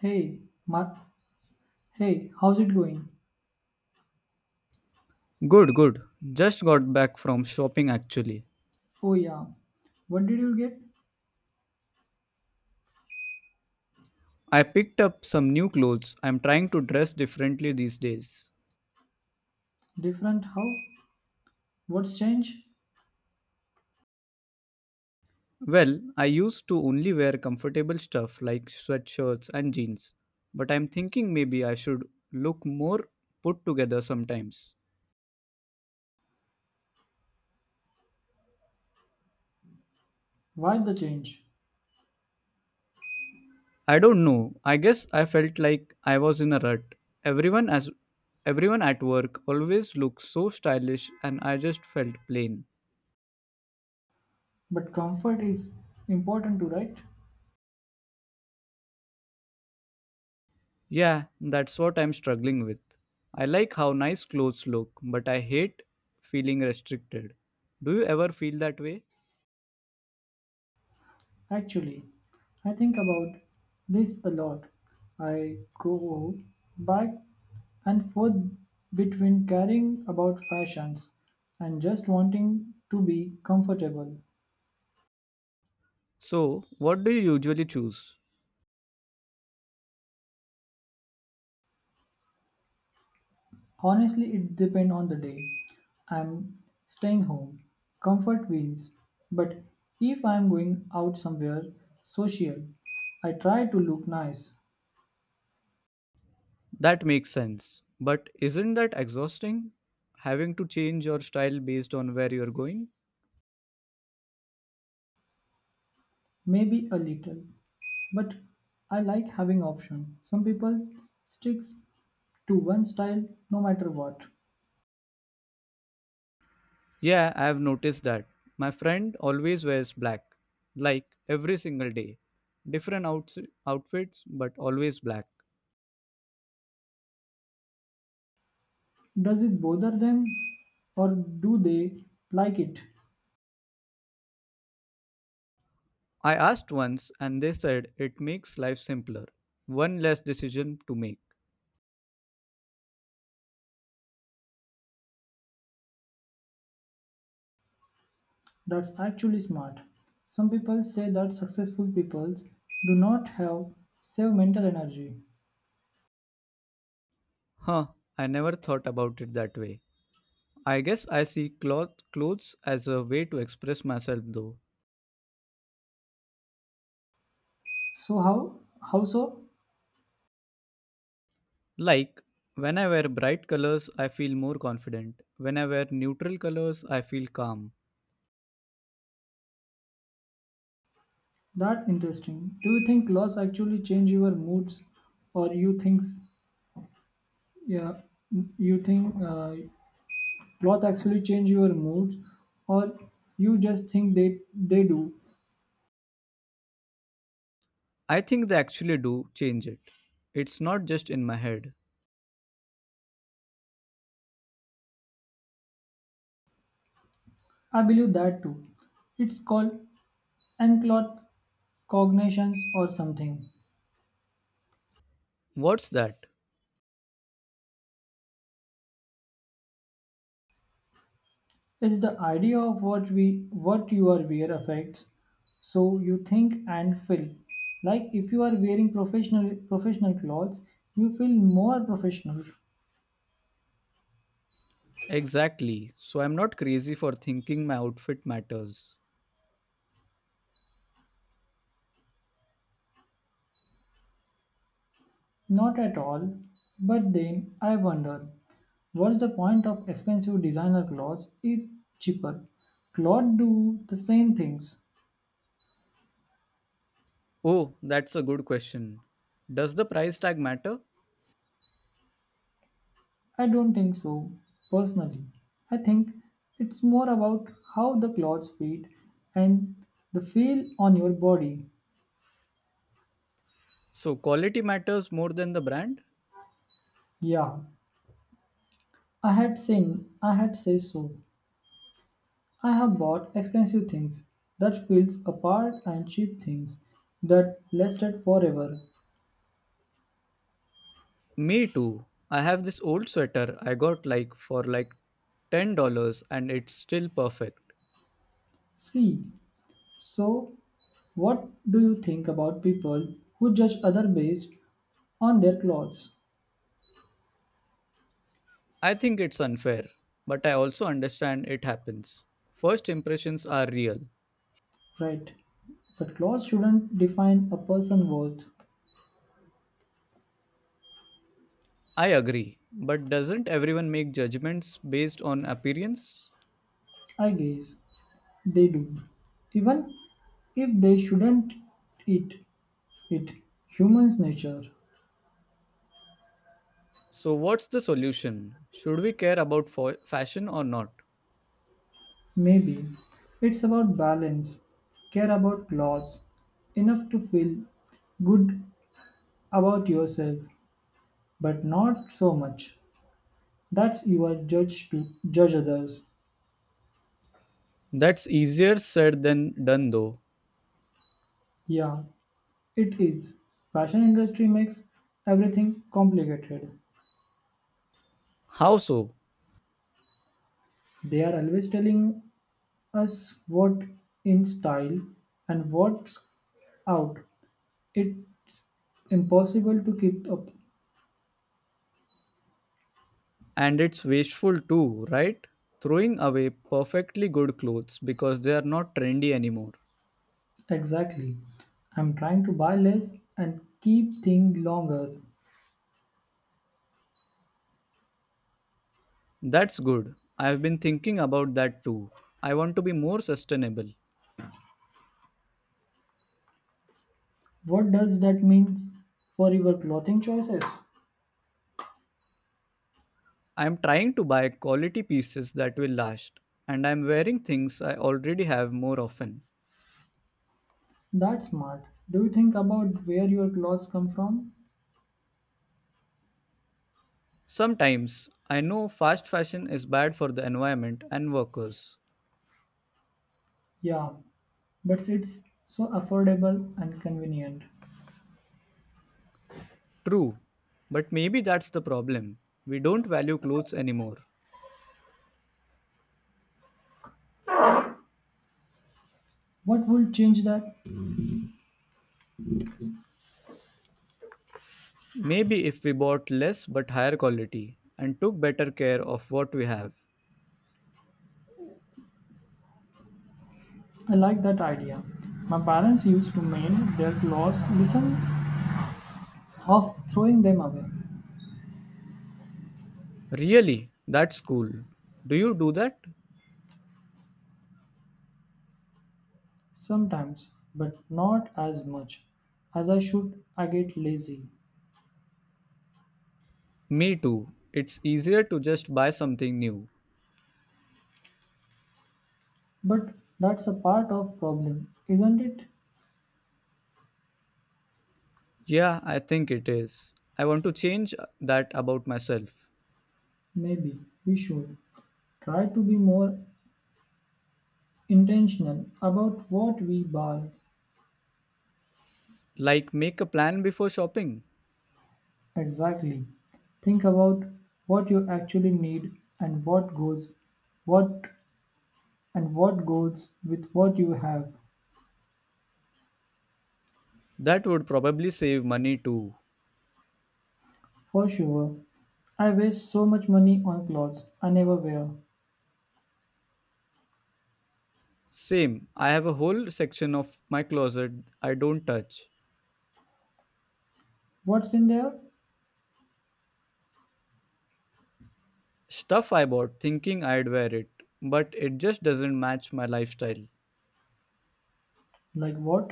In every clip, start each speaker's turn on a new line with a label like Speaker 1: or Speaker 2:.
Speaker 1: Hey, Mark. Hey, how's it going?
Speaker 2: Good, good. Just got back from shopping actually.
Speaker 1: Oh yeah. What did you get?
Speaker 2: I picked up some new clothes. I'm trying to dress differently these days.
Speaker 1: Different how? What's change?
Speaker 2: Well, I used to only wear comfortable stuff like sweatshirts and jeans, but I'm thinking maybe I should look more put together sometimes.
Speaker 1: Why the change?
Speaker 2: I don't know. I guess I felt like I was in a rut. Everyone as Everyone at work always looks so stylish and I just felt plain.
Speaker 1: But comfort is important to right?
Speaker 2: Yeah, that's what I'm struggling with. I like how nice clothes look, but I hate feeling restricted. Do you ever feel that way?
Speaker 1: Actually, I think about this a lot. I go back and forth between caring about fashions and just wanting to be comfortable.
Speaker 2: So, what do you usually choose?
Speaker 1: Honestly, it depends on the day. I'm staying home, comfort wins. But if I'm going out somewhere social, I try to look nice,
Speaker 2: That makes sense. But isn't that exhausting? Having to change your style based on where you're going?
Speaker 1: maybe a little. But I like having option. Some people sticks to one style no matter what.
Speaker 2: Yeah, I have noticed that. My friend always wears black, like every single day. Different outfits, but always black.
Speaker 1: Does it bother them or do they like it?
Speaker 2: I asked once and they said it makes life simpler. One less decision to make.
Speaker 1: That's actually smart. Some people say that successful people do not have same mental energy.
Speaker 2: Huh, I never thought about it that way. I guess I see clothes as a way to express myself though.
Speaker 1: So how so?
Speaker 2: Like, when I wear bright colors, I feel more confident. When I wear neutral colors, I feel calm.
Speaker 1: That interesting. Do you think loss actually change your moods, or you think yeah you think cloth actually change your moods, or you just think they do?
Speaker 2: I think they actually do change it. It's not just in my head.
Speaker 1: I believe that too. It's called encloth cognitions or something.
Speaker 2: What's that?
Speaker 1: It's the idea of what we what you are wear affects so you think and feel. Like if you are wearing professional clothes, you feel more professional.
Speaker 2: Exactly. So I'm not crazy for thinking my outfit matters.
Speaker 1: Not at all. But then I wonder, what's the point of expensive designer clothes if cheaper? Clothes do the same things.
Speaker 2: Oh, that's a good question. Does the price tag matter?
Speaker 1: I don't think so, personally. I think it's more about how the clothes fit and the feel on your body.
Speaker 2: So, quality matters more than the brand?
Speaker 1: Yeah, I had seen. I had said so. I have bought expensive things that feels apart and cheap things that lasted forever.
Speaker 2: Me too. I have this old sweater I got like for like $10 and it's still perfect.
Speaker 1: See, so what do you think about people who judge other based on their clothes?
Speaker 2: I think it's unfair, but I also understand it happens. First impressions are real.
Speaker 1: Right. But clothes shouldn't define a person's worth.
Speaker 2: I agree, but doesn't everyone make judgments based on appearance?
Speaker 1: I guess they do. Even if they shouldn't It it. Human's nature.
Speaker 2: So, what's the solution? Should we care about fashion or not?
Speaker 1: Maybe it's about balance. Care about loss enough to feel good about yourself, but not so much. That you are judged to judge others.
Speaker 2: That's easier said than done though.
Speaker 1: Yeah, it is. Fashion industry makes everything complicated.
Speaker 2: How so?
Speaker 1: They are always telling us what in style and what's out. It's impossible to keep up.
Speaker 2: And it's wasteful too, right? Throwing away perfectly good clothes because they are not trendy anymore.
Speaker 1: Exactly. I'm trying to buy less and keep things longer.
Speaker 2: That's good. I've been thinking about that too. I want to be more sustainable.
Speaker 1: What does that mean for your clothing choices?
Speaker 2: I'm trying to buy quality pieces that will last, and I'm wearing things I already have more often.
Speaker 1: That's smart. Do you think about where your clothes come from?
Speaker 2: Sometimes I know fast fashion is bad for the environment and workers.
Speaker 1: Yeah, but it's so affordable and convenient.
Speaker 2: True, but maybe that's the problem. We don't value clothes anymore.
Speaker 1: What would change that?
Speaker 2: Maybe if we bought less but higher quality and took better care of what we have.
Speaker 1: I like that idea. My parents used to mend their clothes, listen, of throwing them away.
Speaker 2: Really, that's cool. Do you do that?
Speaker 1: Sometimes, but not as much as I should. I get lazy.
Speaker 2: Me too. It's easier to just buy something new.
Speaker 1: But that's a part of problem, isn't it?
Speaker 2: Yeah, I think it is. I want to change that about myself.
Speaker 1: Maybe we should try to be more intentional about what we buy
Speaker 2: Like, make a plan before shopping.
Speaker 1: exactly. Think about what you actually need and what what goes with what you have.
Speaker 2: That would probably save money too.
Speaker 1: For sure, I waste so much money on clothes I never wear.
Speaker 2: Same, I have a whole section of my closet I don't touch.
Speaker 1: What's in there?
Speaker 2: Stuff I bought thinking I'd wear it, but it just doesn't match my lifestyle.
Speaker 1: Like what?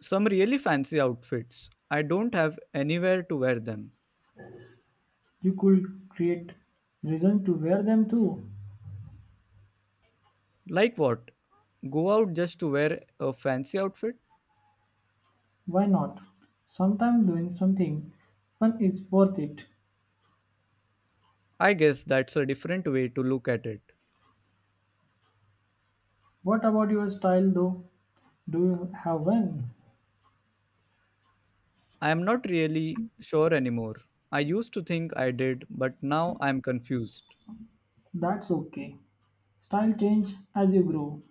Speaker 2: Some really fancy outfits. I don't have anywhere to wear them.
Speaker 1: You could create reason to wear them too.
Speaker 2: Like what? Go out just to wear a fancy outfit?
Speaker 1: Why not? Sometimes doing something fun is worth it.
Speaker 2: I guess that's a different way to look at it.
Speaker 1: What about your style though? Do you have one?
Speaker 2: I am not really sure anymore. I used to think I did, but now I'm confused.
Speaker 1: That's okay. Style change as you grow.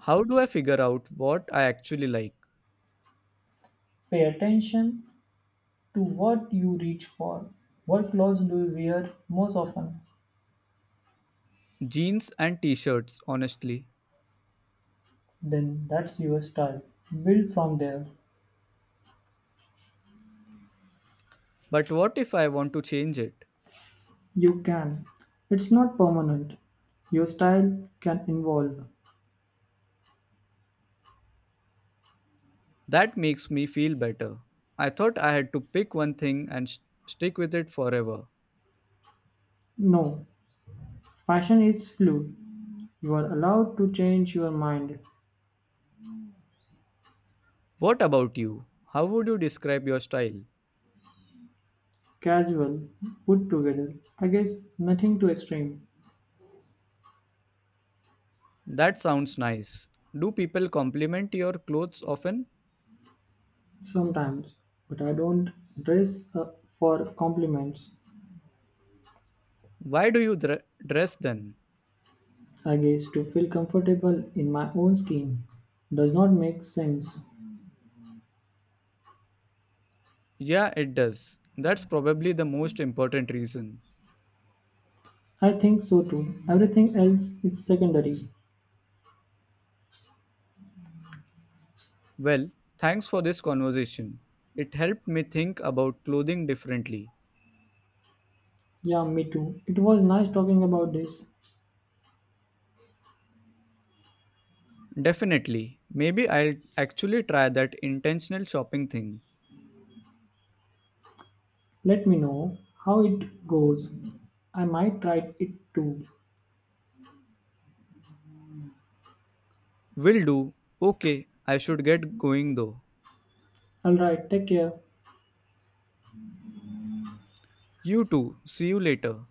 Speaker 2: How do I figure out what I actually like?
Speaker 1: Pay attention to what you reach for. What clothes do you wear most often?
Speaker 2: Jeans and t shirts, honestly.
Speaker 1: Then that's your style. Build from there.
Speaker 2: But what if I want to change it?
Speaker 1: You can. It's not permanent. Your style can evolve.
Speaker 2: That makes me feel better. I thought I had to pick one thing and stick with it forever.
Speaker 1: No, fashion is fluid. You are allowed to change your mind.
Speaker 2: What about you? How would you describe your style?
Speaker 1: Casual, put together. I guess nothing too extreme.
Speaker 2: That sounds nice. Do people compliment your clothes often?
Speaker 1: Sometimes, but I don't dress up for compliments.
Speaker 2: Why do you dress then?
Speaker 1: I guess to feel comfortable in my own skin does not make sense.
Speaker 2: Yeah, it does. That's probably the most important reason.
Speaker 1: I think so too. Everything else is secondary.
Speaker 2: Well, thanks for this conversation. It helped me think about clothing differently.
Speaker 1: Yeah, me too. It was nice talking about this.
Speaker 2: Definitely. Maybe I'll actually try that intentional shopping thing.
Speaker 1: Let me know how it goes. I might try it too.
Speaker 2: Will do. Okay, I should get going though.
Speaker 1: Alright, take care.
Speaker 2: You too. See you later.